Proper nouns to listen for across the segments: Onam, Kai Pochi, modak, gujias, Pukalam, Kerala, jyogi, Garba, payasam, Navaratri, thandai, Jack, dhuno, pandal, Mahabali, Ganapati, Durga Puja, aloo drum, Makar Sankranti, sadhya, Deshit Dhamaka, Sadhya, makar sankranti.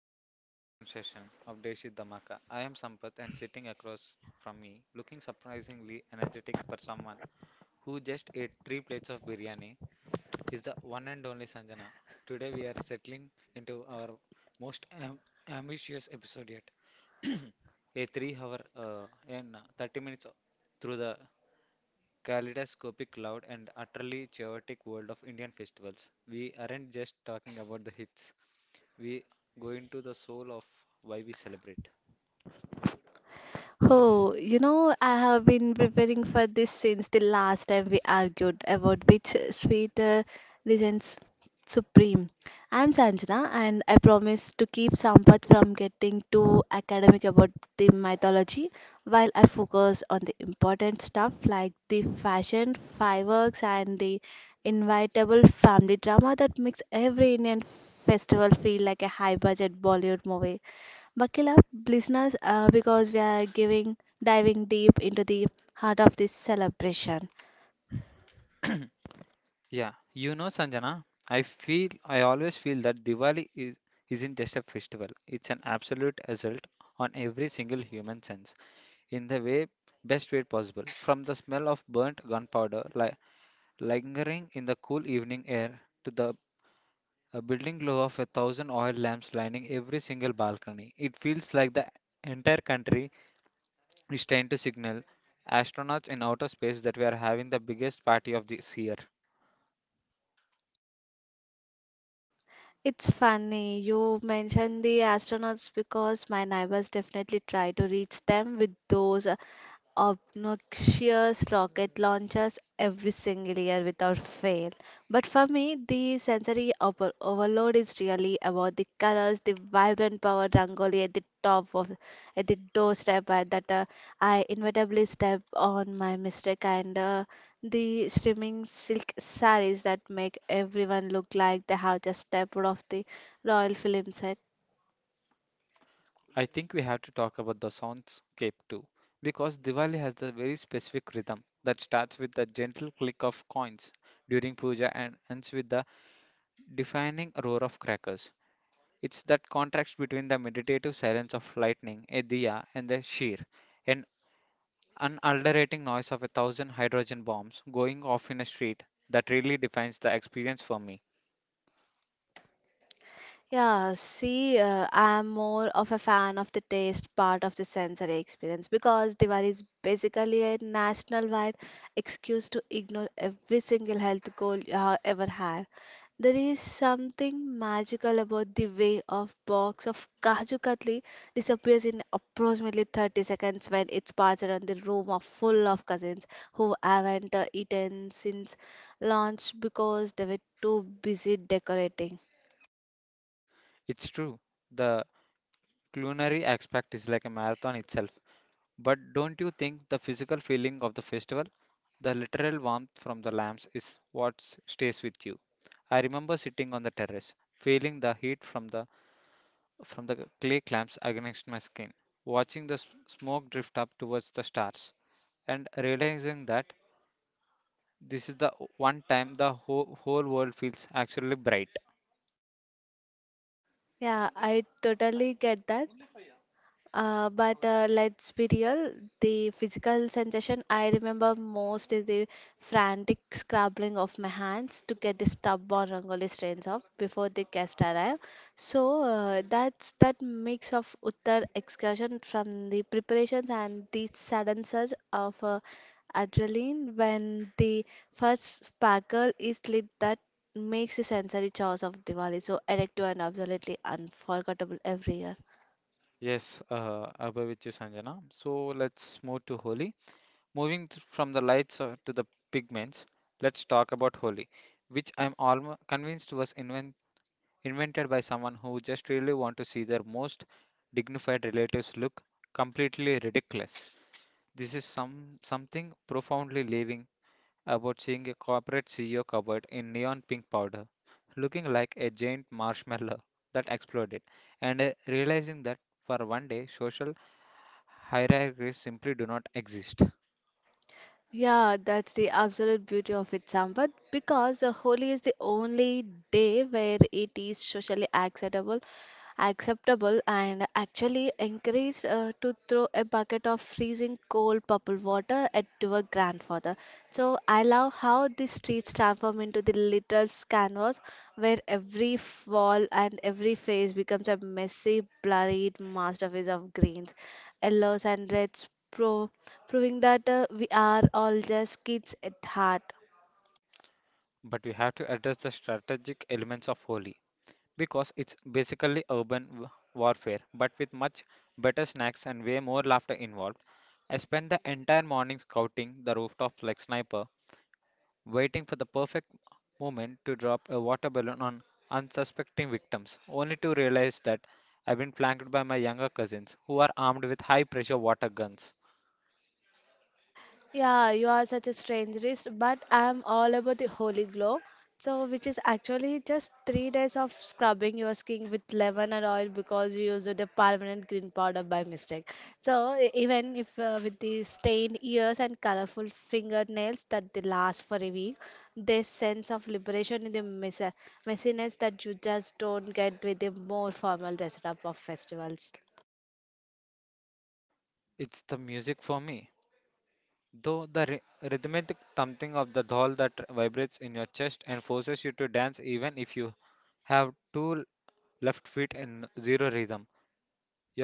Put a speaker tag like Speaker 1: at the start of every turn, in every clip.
Speaker 1: back to another marathon session of Deshit Dhamaka. I am Sampath, and sitting across from me, looking surprisingly energetic for someone who just ate three plates of biryani, is the one and only Sanjana. Today we are settling into our most am- ambitious episode yet. A 3 hour and 30 minutes through the kaleidoscopic, loud, and utterly chaotic world of Indian festivals. We aren't just talking about the hits, we go into the soul of why we celebrate.
Speaker 2: Oh, you know, I have been preparing for this since the last time we argued about which sweet reigns supreme. I'm Sanjana, and I promise to keep Sampath from getting too academic about the mythology while I focus on the important stuff like the fashion, fireworks, and the inevitable family drama that makes every Indian festival feel like a high budget Bollywood movie. Buckle up, listeners, because we are giving diving deep into the heart of this celebration.
Speaker 1: Yeah, you know, Sanjana, I always feel that Diwali is isn't just a festival. It's an absolute assault on every single human sense in the way best way possible. From the smell of burnt gunpowder li lingering in the cool evening air to the A building glow of a thousand oil lamps lining every single balcony. It feels like the entire country is trying to signal astronauts in outer space that we are having the biggest party of this year.
Speaker 2: It's funny you mentioned the astronauts because my neighbors definitely try to reach them with those obnoxious rocket launchers every single year without fail. But for me, the sensory overload is really about the colors, the vibrant power rangoli at the top of at the doorstep that I inevitably step on my mistake and the streaming silk saris that make everyone look like they have just stepped off the royal film set.
Speaker 1: I think we have to talk about the soundscape too, because Diwali has the very specific rhythm that starts with the gentle click of coins during puja and ends with the defining roar of crackers. It's that contrast between the meditative silence of lightning, a diya, and the sheer and an ulcerating noise of a thousand hydrogen bombs going off in a street that really defines the experience for me.
Speaker 2: Yeah, see, I'm more of a fan of the taste part of the sensory experience because Diwali is basically a national-wide excuse to ignore every single health goal you have ever had. There is something magical about the way a box of Kaju Katli disappears in approximately 30 seconds when it's passed around the room of full of cousins who haven't eaten since lunch because they were too busy decorating.
Speaker 1: It's true, the culinary aspect is like a marathon itself, but don't you think the physical feeling of the festival, the literal warmth from the lamps, is what stays with you? I remember sitting on the terrace, feeling the heat from the clay clamps against my skin, watching the smoke drift up towards the stars, and realizing that this is the one time the whole world feels actually bright.
Speaker 2: Yeah, I totally get that. But let's be real, the physical sensation I remember most is the frantic scrabbling of my hands to get the stub or rangoli stains off before the guest arrive. So that's that mix of Uttar excursion from the preparations and the sudden surge of adrenaline when the first sparkle is lit that makes the sensory chaos of Diwali so addictive and absolutely unforgettable every year.
Speaker 1: Yes, I with you, Sanjana. So let's move to Holi. Moving from the lights to the pigments, let's talk about Holi, which I'm almost convinced was invented by someone who just really want to see their most dignified relatives look completely ridiculous. This is something profoundly living about seeing a corporate CEO covered in neon pink powder, looking like a giant marshmallow that exploded, and realizing that for one day social hierarchies simply do not exist.
Speaker 2: Yeah, that's the absolute beauty of it, Sampath, because Holi is the only day where it is socially acceptable and actually encouraged to throw a bucket of freezing cold purple water at your grandfather. So I love how the streets transform into the literal canvas where every wall and every face becomes a messy, blurred masterpiece of greens, yellows, and reds, proving that we are all just kids at heart.
Speaker 1: But we have to address the strategic elements of Holi because it's basically urban warfare, but with much better snacks and way more laughter involved. I spent the entire morning scouting the rooftops like sniper, waiting for the perfect moment to drop a water balloon on unsuspecting victims, only to realize that I've been flanked by my younger cousins who are armed with high pressure water guns.
Speaker 2: Yeah, you are such a strangerist, but I'm all about the holy glow. So, which is actually just three days of scrubbing your skin with lemon and oil because you used the permanent green powder by mistake. So, even if with the stained ears and colorful fingernails that they last for a week, this sense of liberation in the messiness that you just don't get with the more formal dress up of festivals.
Speaker 1: It's the music for me. Though the rhythmic thumping of the doll that vibrates in your chest and forces you to dance even if you have two left feet in zero rhythm.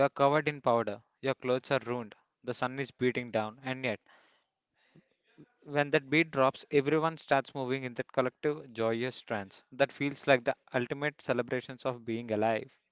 Speaker 1: You are covered in powder, your clothes are ruined, the sun is beating down, and yet when that beat drops, everyone starts moving in that collective, joyous trance that feels like the ultimate celebrations of being alive.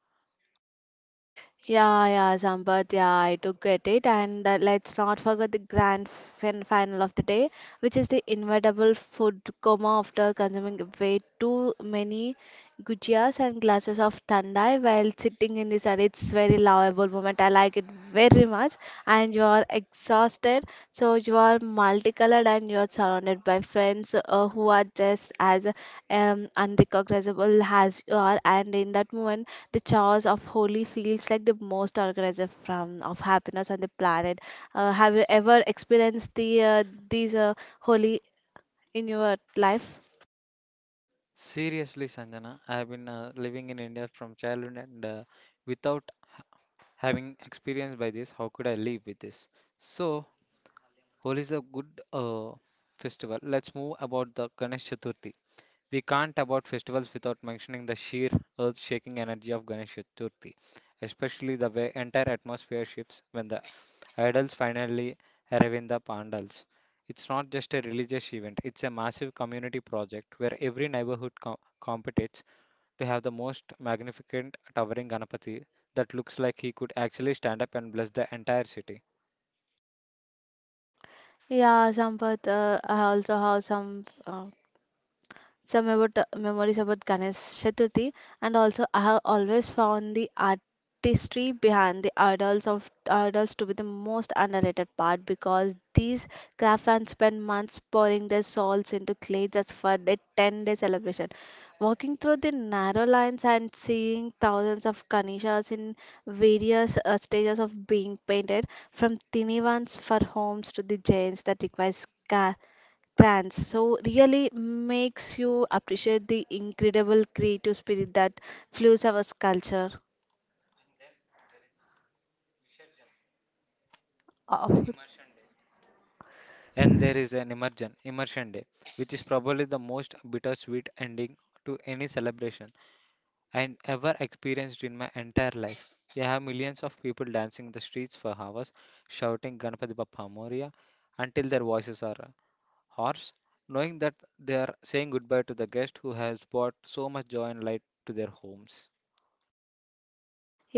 Speaker 2: Yeah, yeah, Sampath, yeah, I do get it. And let's not forget the grand final of the day, which is the inevitable food coma after consuming way too many gujias and glasses of thandai while sitting in the sun. It's very lovable moment. I like it very much. And you are exhausted, so you are multicolored and you are surrounded by friends who are just as unrecognizable as you are. And in that moment, the chaos of Holi feels like the most organizer from of happiness on the planet. Have you ever experienced the these Holi in your life?
Speaker 1: Seriously, Sanjana, I have been living in India from childhood and without having experience by this, how could I live with this? So, Holi is a good festival. Let's move about the Ganesh Chaturthi. We can't about festivals without mentioning the sheer earth-shaking energy of Ganesh Chaturthi, especially the way entire atmosphere shifts when the idols finally arrive in the pandals. It's not just a religious event, it's a massive community project where every neighborhood competes to have the most magnificent towering Ganapati that looks like he could actually stand up and bless the entire city.
Speaker 2: Yeah, Sampath, I also have some about memories about Ganesh Chaturthi, and also I have always found the artistry behind the idols to be the most underrated part because these craft fans spend months pouring their souls into clay just for the 10-day celebration. Walking through the narrow lines and seeing thousands of Ganeshas in various stages of being painted, from tiny ones for homes to the giants that requires plans so really makes you appreciate the incredible creative spirit that fuels our culture of
Speaker 1: And there is an immersion day, which is probably the most bittersweet ending to any celebration I ever experienced in my entire life. You have millions of people dancing the streets for hours, shouting Ganpati Bappa Moria until their voices are horse, knowing that they are saying goodbye to the guest who has brought so much joy and light to their homes.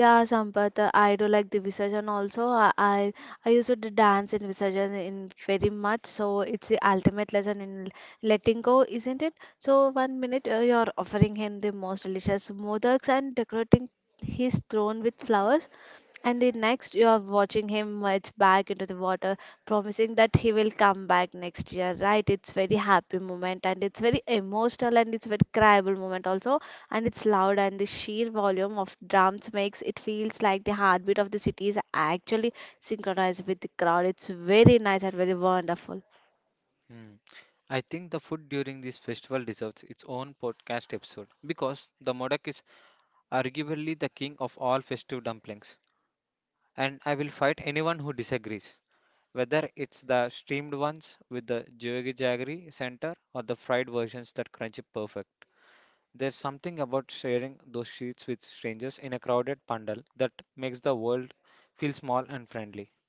Speaker 2: yeah Sampath, I do like the visarjan also I used to dance in visarjan in very much so it's the ultimate lesson in letting go, isn't it? So one minute you're offering him the most delicious modaks and decorating his throne with flowers. And the next you are watching him merge back into the water, promising that he will come back next year, right? It's very happy moment and it's very emotional and it's very cryable moment also and it's loud and the sheer volume of drums makes it feels like the heartbeat of the city is actually synchronized with the crowd. It's very nice and very wonderful.
Speaker 1: Hmm. I think the food during this festival deserves its own podcast episode because the modak is arguably the king of all festive dumplings. And I will fight anyone who disagrees, whether it's the steamed ones with the jyogi jaggery center or the fried versions that crunch it perfect. There's something about sharing those sheets with strangers in a crowded pandal that makes the world feel small and friendly.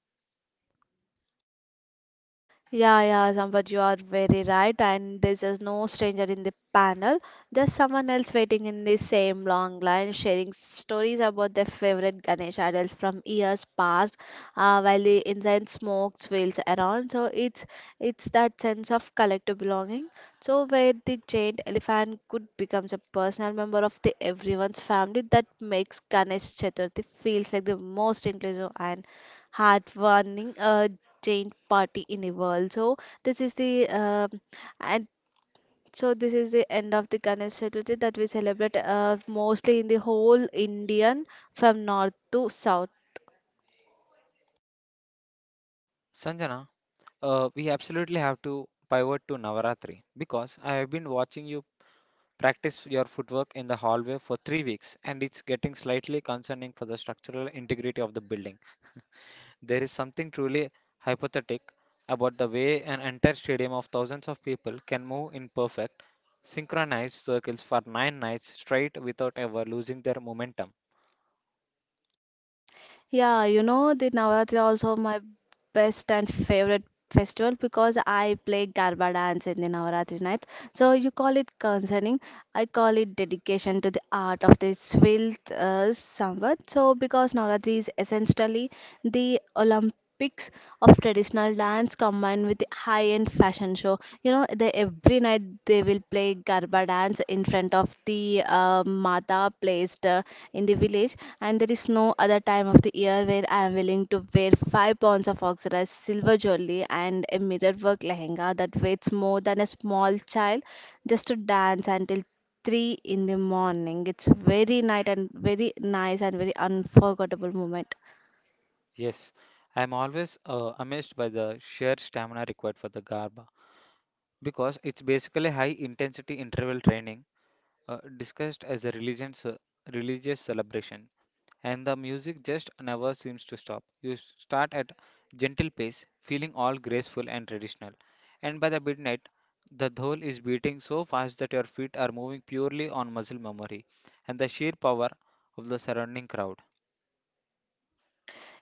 Speaker 2: Yeah, yeah, Sampath, you are very right. And there's just no stranger in the panel. There's someone else waiting in the same long line, sharing stories about their favorite Ganesh idols from years past, while the incense smoke swirls around. So it's that sense of collective belonging. So where the giant elephant could becomes a personal member of the everyone's family that makes Ganesh Chaturthi feels like the most inclusive and heartwarming giant party in the world. So this is the and so this is the end of the Ganesh Chaturthi that we celebrate mostly in the whole Indian from north to south.
Speaker 1: Sanjana, we absolutely have to pivot to Navaratri because I have been watching you practice your footwork in the hallway for 3 weeks and it's getting slightly concerning for the structural integrity of the building. There is something truly hypothetic about the way an entire stadium of thousands of people can move in perfect, synchronized circles for nine nights straight without ever losing their momentum.
Speaker 2: Yeah, you know the Navratri also my best and favorite festival because I play Garba dance in the Navratri night. So you call it concerning. I call it dedication to the art of this wilt somewhat. So, because Navratri is essentially the Olympics of traditional dance combined with the high-end fashion show. You know, every night they will play Garba dance in front of the Mata placed in the village, and there is no other time of the year where I am willing to wear five pounds of oxidized silver jewelry and a mirror work lehenga that weighs more than a small child just to dance until 3 in the morning. It's very night and very nice and very unforgettable moment.
Speaker 1: Yes, I am always amazed by the sheer stamina required for the Garba because it's basically high intensity interval training discussed as a religious celebration. And the music just never seems to stop. You start at gentle pace, feeling all graceful and traditional, and by the midnight, the dhol is beating so fast that your feet are moving purely on muscle memory and the sheer power of the surrounding crowd.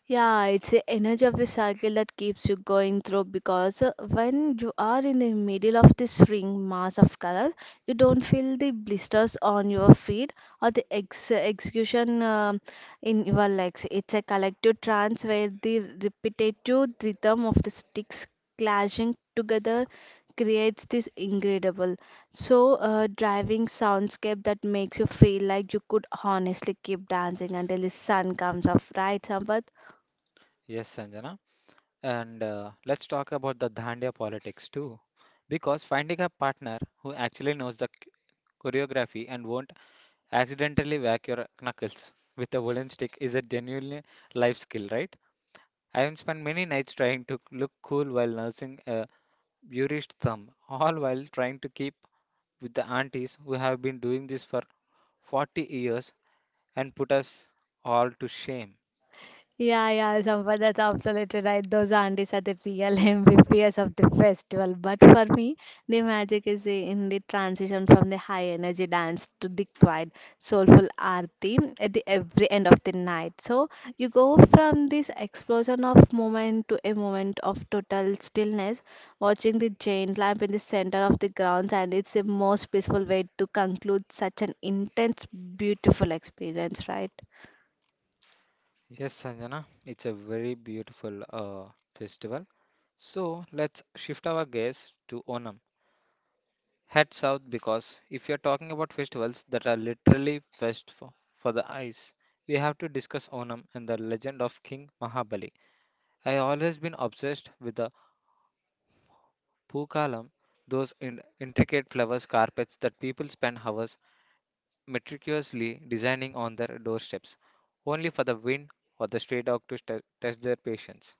Speaker 2: Yeah, it's the energy of the cycle that keeps you going through because when you are in the middle of this ring mass of colors, you don't feel the blisters on your feet or the ex execution in your legs. It's a collective trance where the repetitive rhythm of the sticks clashing together creates this incredible, so driving soundscape that makes you feel like you could honestly keep dancing until the sun comes up, right, Sampath?
Speaker 1: Yes, Sanjana. And let's talk about the Dandiya politics too. Because finding a partner who actually knows the choreography and won't accidentally whack your knuckles with a wooden stick is a genuinely life skill, right? I have spent many nights trying to look cool while nursing a bruised thumb, all while trying to keep with the aunties who have been doing this for 40 years and put us all to shame.
Speaker 2: Yeah, yeah, Sampath, that's absolutely right. Those aunties are the real MVPs of the festival. But for me, the magic is in the transition from the high energy dance to the quiet, soulful aarti at the every end of the night. So you go from this explosion of moment to a moment of total stillness, watching the Jain lamp in the center of the grounds, and it's the most peaceful way to conclude such an intense, beautiful experience, right?
Speaker 1: Yes, Sanjana, it's a very beautiful festival. So let's shift our gaze to Onam. Head south because if you're talking about festivals that are literally for the eyes, we have to discuss Onam and the legend of King Mahabali. I always been obsessed with the Pukalam, those intricate flowers carpets that people spend hours meticulously designing on their doorsteps, only for the wind or the stray dog to test their patience.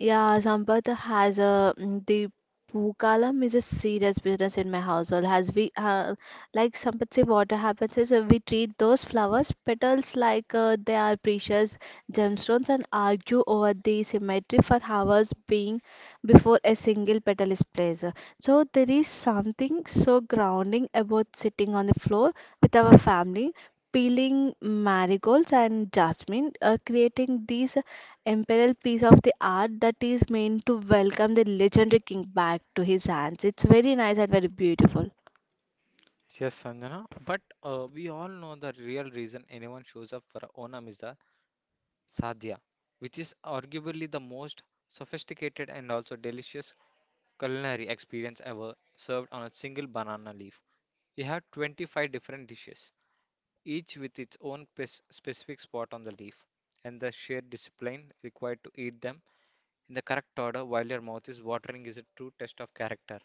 Speaker 2: Yeah, Sampath has a mm, the Pukalam is a serious business in my household. Has we like Sampath say, what happens is we treat those flowers petals like they are precious gemstones and argue over the symmetry for hours being before a single petal is placed. So there is something so grounding about sitting on the floor with our family. Peeling marigolds and jasmine, creating these imperial piece of the art that is meant to welcome the legendary king back to his hands. It's very nice and very beautiful.
Speaker 1: Yes, Sanjana, but we all know the real reason anyone shows up for Onam is the sadhya, which is arguably the most sophisticated and also delicious culinary experience ever served on a single banana leaf. We have 25 different dishes, each with its own specific spot on the leaf, and the sheer discipline required to eat them in the correct order while your mouth is watering is a true test of character.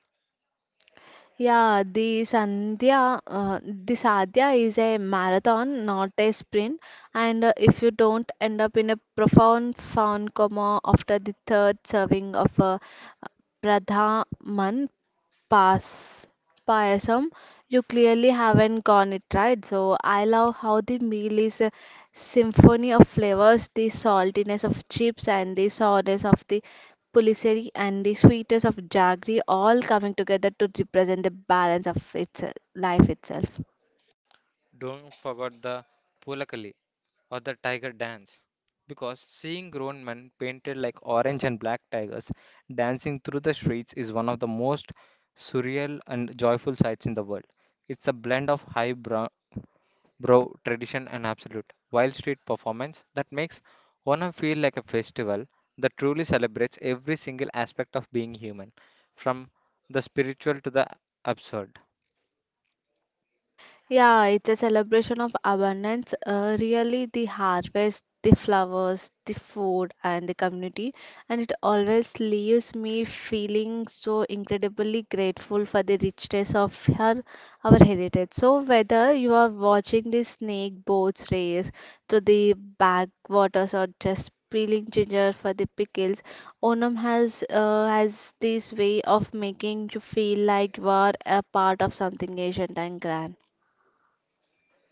Speaker 2: Yeah, the Sandhya, the Sadhya is a marathon, not a sprint. And if you don't end up in a profound found coma after the third serving of a Pradhaman pass payasam, you clearly haven't gone it right. So I love how the meal is a symphony of flavors, the saltiness of chips and the sourness of the puliseri and the sweetness of jaggery all coming together to represent the balance of its life itself.
Speaker 1: Don't forget the pulakali or the tiger dance, because seeing grown men painted like orange and black tigers dancing through the streets is one of the most surreal and joyful sights in the world. It's a blend of bro, tradition and absolute. Wild street performance that makes one feel like a festival that truly celebrates every single aspect of being human, from the spiritual to the absurd.
Speaker 2: Yeah, it's a celebration of abundance. Really, the harvest, the flowers, the food, and the community. And it always leaves me feeling so incredibly grateful for the richness of her, our heritage. So, whether you are watching the snake boats race to the backwaters or just peeling ginger for the pickles, Onam has this way of making you feel like you are a part of something ancient and grand.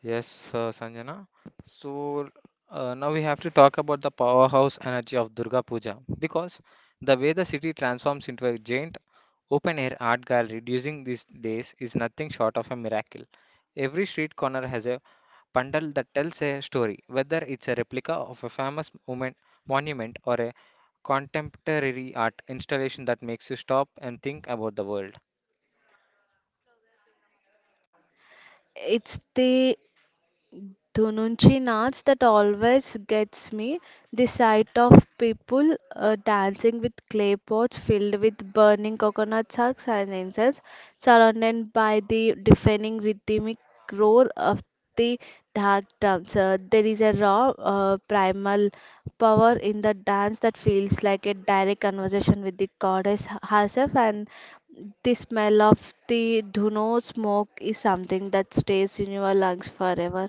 Speaker 1: Yes, Sanjana. So now we have to talk about the powerhouse energy of Durga Puja because the way the city transforms into a giant open air art gallery during these days is nothing short of a miracle. Every street corner has a bundle that tells a story, whether it's a replica of a famous moment, monument or a contemporary art installation that makes you stop and think about the world.
Speaker 2: It's the Dhununchi dance that always gets me. The sight of people dancing with clay pots filled with burning coconut sacks and incense, surrounded by the deafening rhythmic roar of the dark drums. There is a raw, primal power in the dance that feels like a direct conversation with the goddess herself and the smell of the dhuno smoke is something that stays in your lungs forever.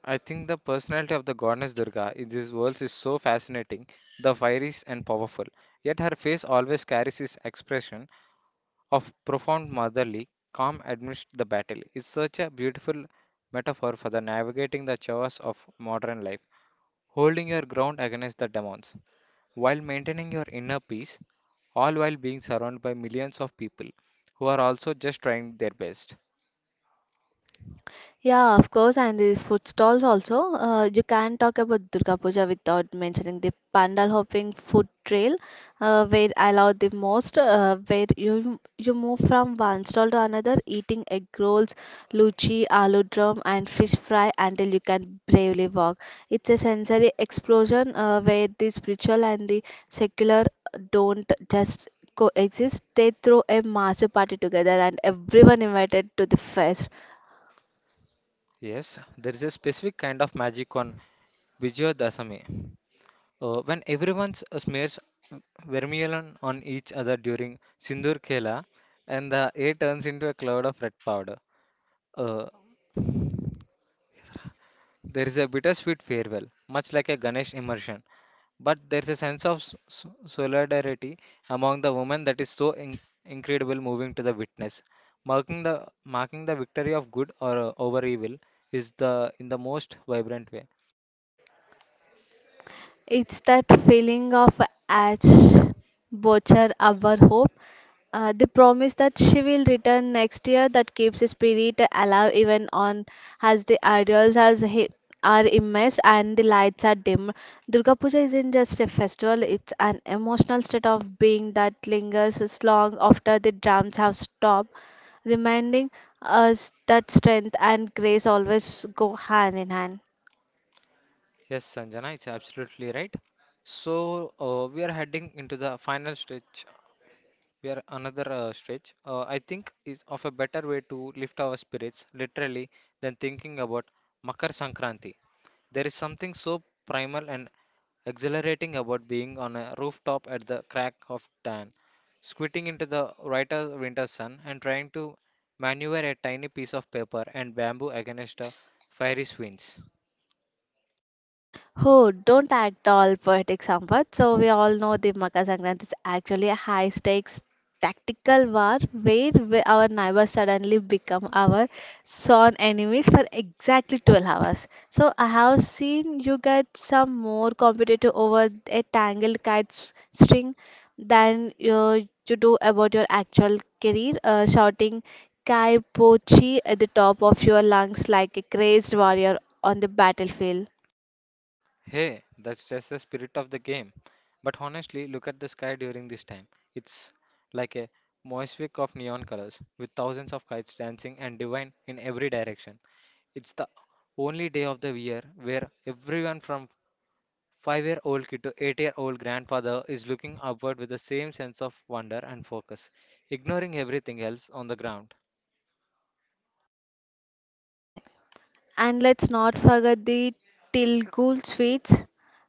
Speaker 1: I think the personality of the goddess Durga in this world is so fascinating, the fiery and powerful. Yet her face always carries this expression of profound motherly calm amidst the battle. It's such a beautiful metaphor for the navigating the chaos of modern life, holding your ground against the demons, while maintaining your inner peace, all while being surrounded by millions of people who are also just trying their best.
Speaker 2: Yeah, of course, and the food stalls also. You can't talk about Durga Puja without mentioning the pandal hopping food trail, where I love the most, where you move from one stall to another, eating egg rolls, luchi, aloo drum, and fish fry until you can bravely walk. It's a sensory explosion where the spiritual and the secular don't just coexist. They throw a master party together, and everyone invited to the fest.
Speaker 1: Yes, there is a specific kind of magic on Vijaya Dasami. When everyone smears vermilion on each other during Sindoor Khela and the air turns into a cloud of red powder, uh, there is a bittersweet farewell, much like a Ganesh immersion, but there's a sense of solidarity among the women that is so incredible moving to the witness, marking the marking the victory of good or over evil is the in the most vibrant way.
Speaker 2: It's that feeling of ash, butcher our hope, the promise that she will return next year that keeps the spirit alive even on as the idols as he, are immersed and the lights are dim. Durga Puja isn't just a festival; it's an emotional state of being that lingers as long after the drums have stopped, reminding us that strength and grace always go hand in hand.
Speaker 1: Yes, Sanjana, it's absolutely right. So we are heading into the final stretch. We are another stretch, I think is of a better way to lift our spirits literally than thinking about Makar Sankranti. There is something so primal and exhilarating about being on a rooftop at the crack of dawn, squinting into the brighter winter sun and trying to maneuver a tiny piece of paper and bamboo against a fiery winds.
Speaker 2: Oh, don't at all poetic Sampath. So we all know the Makar Sankranti is actually a high stakes tactical war where our neighbors suddenly become our sworn enemies for exactly 12 hours. So I have seen you get some more competitive over a tangled kite string than you do about your actual career, shouting Kai Pochi at the top of your lungs like a crazed warrior on the battlefield.
Speaker 1: Hey, that's just the spirit of the game. But honestly, look at the sky during this time. It's like a mosaic of neon colors, with thousands of kites dancing and divine in every direction. It's the only day of the year where everyone from 5 year old kid to 8 year old grandfather is looking upward with the same sense of wonder and focus, ignoring everything else on the ground.
Speaker 2: So, And let's not forget the Tilgul sweets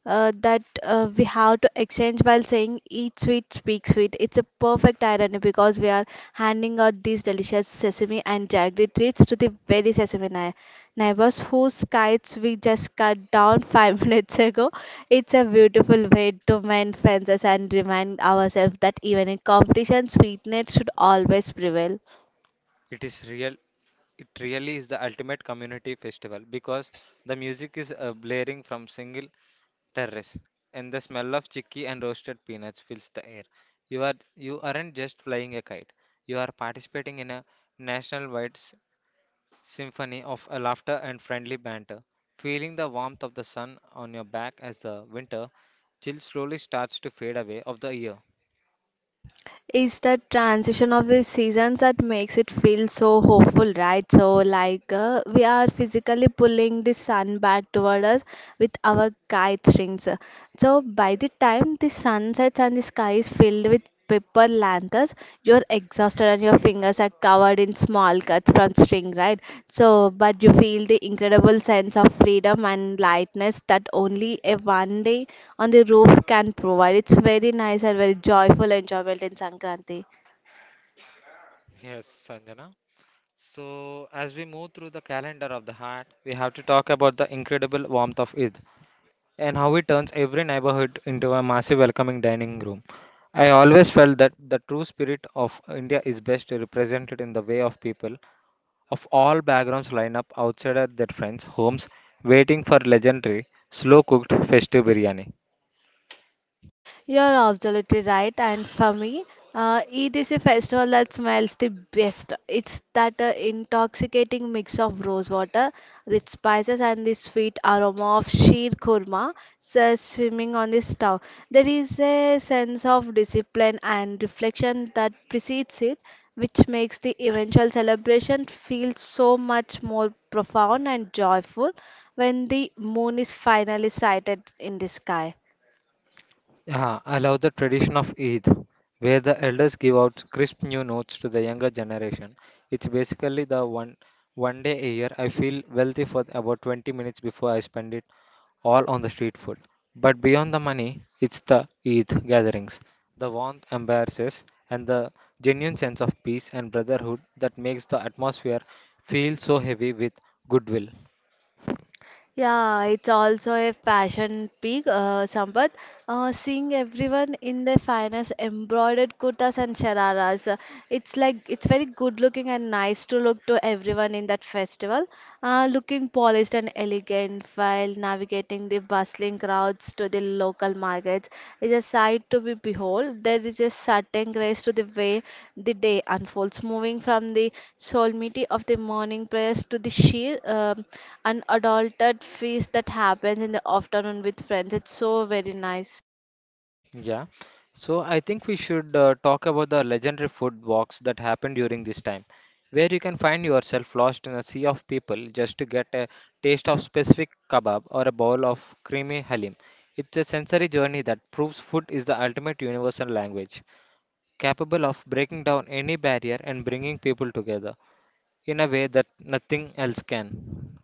Speaker 2: that we have to exchange while saying eat sweet, speak sweet. It's a perfect irony because we are handing out these delicious sesame and jaggery treats to the very sesame nai neighbors whose kites we just cut down 5 minutes ago. It's a beautiful way to mend fences and remind ourselves that even in competition, sweetness should always prevail.
Speaker 1: It is real it really is the ultimate community festival because the music is blaring from single terrace, and the smell of chicky and roasted peanuts fills the air. You aren't just flying a kite. You are participating in a national wide symphony of a laughter and friendly banter, feeling the warmth of the sun on your back as the winter chill slowly starts to fade away of the year.
Speaker 2: It's the transition of the seasons that makes it feel so hopeful, right? So, like, we are physically pulling the sun back toward us with our kite strings. So by the time the sun sets and the sky is filled with paper lanterns, you're exhausted and your fingers are covered in small cuts from string, right? So, but you feel the incredible sense of freedom and lightness that only a one day on the roof can provide. It's very nice and very joyful enjoyment in Sankranti.
Speaker 1: Yes, Sanjana. So, as we move through the calendar of the heart, we have to talk about the incredible warmth of Eid and how it turns every neighborhood into a massive welcoming dining room. I always felt that the true spirit of India is best represented in the way of people of all backgrounds line up outside at their friends' homes waiting for legendary, slow cooked festive biryani.
Speaker 2: You're absolutely right. And for me, Eid is a festival that smells the best. It's that intoxicating mix of rose water, rich spices, and the sweet aroma of sheer kurma swimming on the stove. There is a sense of discipline and reflection that precedes it, which makes the eventual celebration feel so much more profound and joyful when the moon is finally sighted in the sky.
Speaker 1: Yeah, I love the tradition of Eid, where the elders give out crisp new notes to the younger generation. It's basically the one day a year I feel wealthy for about 20 minutes before I spend it all on the street food. But beyond the money, it's the Eid gatherings, the warmth embraces, and the genuine sense of peace and brotherhood that makes the atmosphere feel so heavy with goodwill.
Speaker 2: Yeah, it's also a fashion peak, Sampath. Seeing everyone in their finest embroidered kurtas and shararas, it's like it's very good looking and nice to look to everyone in that festival. Looking polished and elegant while navigating the bustling crowds to the local markets is a sight to be behold. There is a certain grace to the way the day unfolds, moving from the solemnity of the morning prayers to the sheer unadulterated feast that happens in the afternoon with friends. It's so very nice.
Speaker 1: Yeah. So I think we should talk about the legendary food walks that happen during this time, where you can find yourself lost in a sea of people just to get a taste of specific kebab or a bowl of creamy halim. It's a sensory journey that proves food is the ultimate universal language, capable of breaking down any barrier and bringing people together in a way that nothing else can.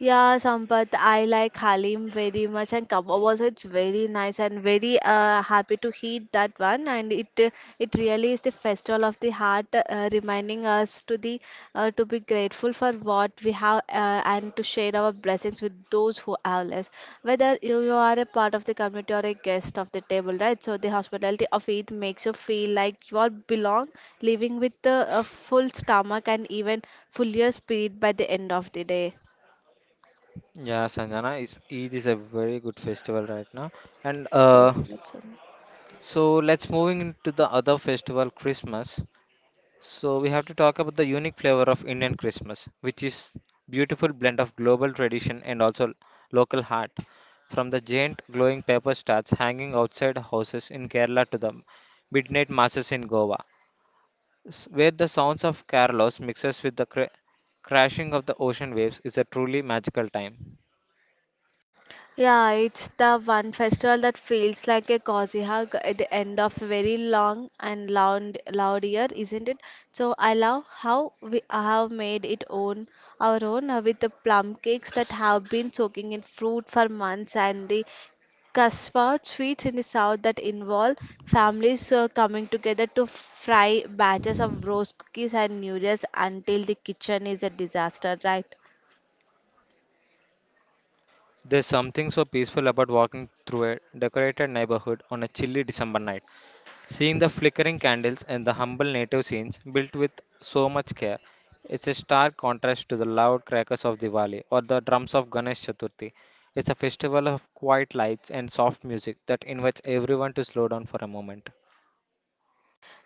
Speaker 2: Yeah, Sampath, I like Halim very much, and kebab also it's very nice and very happy to eat that one. And it really is the festival of the heart, reminding us to be grateful for what we have and to share our blessings with those who have less. Whether you are a part of the community or a guest of the table, right? So the hospitality of Eid makes you feel like you all belong, leaving with a full stomach and even fuller spirit by the end of the day.
Speaker 1: Yeah, Sanjana is Eid is a very good festival right now, and
Speaker 2: Four minutes. Only.
Speaker 1: so let's moving into the other festival, Christmas. So we have to talk about the unique flavor of Indian Christmas, which is beautiful blend of global tradition and also local heart. From the giant glowing paper stars hanging outside houses in Kerala to the midnight masses in Goa, where the sounds of Carlos mixes with the crashing of the ocean waves is a truly magical time.
Speaker 2: Yeah, it's the one festival that feels like a cozy hug at the end of a very long and loud, loud year, isn't it? So I love how we have made it own our own with the plum cakes that have been soaking in fruit for months and the Kasva sweets in the south that involve families coming together to fry batches of roast cookies and noodles until the kitchen is a disaster, right?
Speaker 1: There's something so peaceful about walking through a decorated neighborhood on a chilly December night, seeing the flickering candles and the humble native scenes built with so much care. It's a stark contrast to the loud crackers of Diwali or the drums of Ganesh Chaturthi. It's a festival of quiet lights and soft music that invites everyone to slow down for a moment.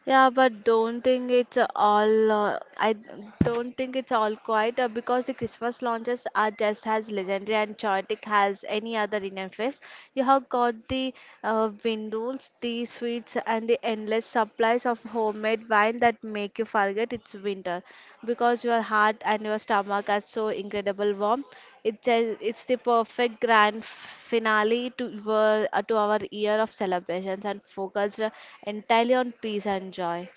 Speaker 2: Yeah, but don't think it's all. I don't think it's all quiet because the Christmas launches are just as legendary and chaotic as any other Indian fest. You have got the windows, the sweets, and the endless supplies of homemade wine that make you forget it's winter because your heart and your stomach are so incredible warm. It's the perfect grand finale to our year of celebrations and focused entirely on peace and joy.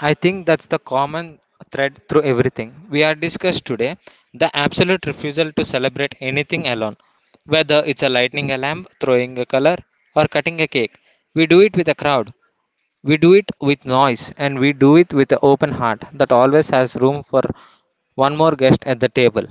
Speaker 1: I think that's the common thread through everything we are discussed today, the absolute refusal to celebrate anything alone, whether it's a lightning a lamp, throwing a color, or cutting a cake. We do it with a crowd, we do it with noise, and we do it with an open heart that always has room for one more guest at the table.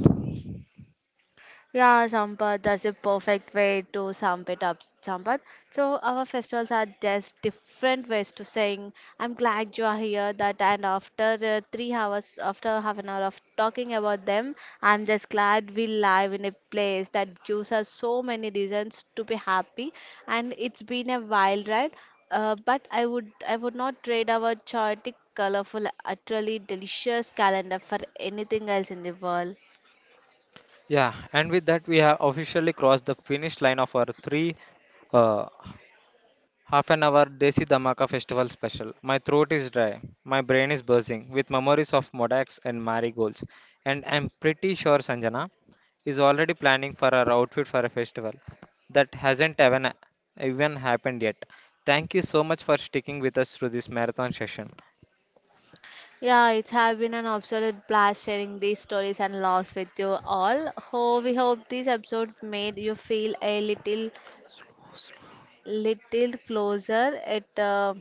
Speaker 2: Yeah, Sampath, that's the perfect way to sum it up, Sampath. So our festivals are just different ways to saying, I'm glad you are here, that and after 3 hours, after half an hour of talking about them, I'm just glad we live in a place that gives us so many reasons to be happy. And it's been a wild ride, but I would not trade our chaotic, colorful, utterly delicious calendar for anything else in the world.
Speaker 1: Yeah, and with that, we have officially crossed the finish line of our three. uh, Half an hour Desi Dhamaka Festival special. My throat is dry. My brain is buzzing with memories of Modax and marigolds. And I'm pretty sure Sanjana is already planning for her outfit for a festival that hasn't even happened yet. Thank you so much for sticking with us through this marathon session.
Speaker 2: Yeah, it's have been an absolute blast sharing these stories and laughs with you all. Oh, we hope this episode made you feel a little, little closer at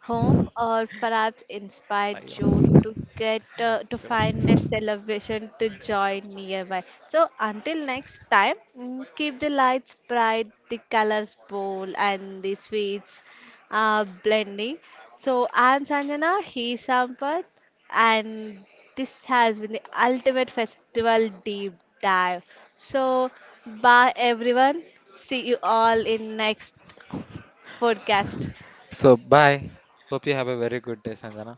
Speaker 2: home, or perhaps inspired
Speaker 1: అయ్యో,
Speaker 2: you to get to
Speaker 1: ఇక్కడ.
Speaker 2: find a celebration to join nearby. So until next time, mm, keep the lights bright, the colors bold, and the sweets blending. So I'm Sanjana, he's Sampath, and this has been the ultimate festival deep dive. So bye everyone. See you all in next podcast.
Speaker 1: So, bye. Hope you have a very good day, Sanjana.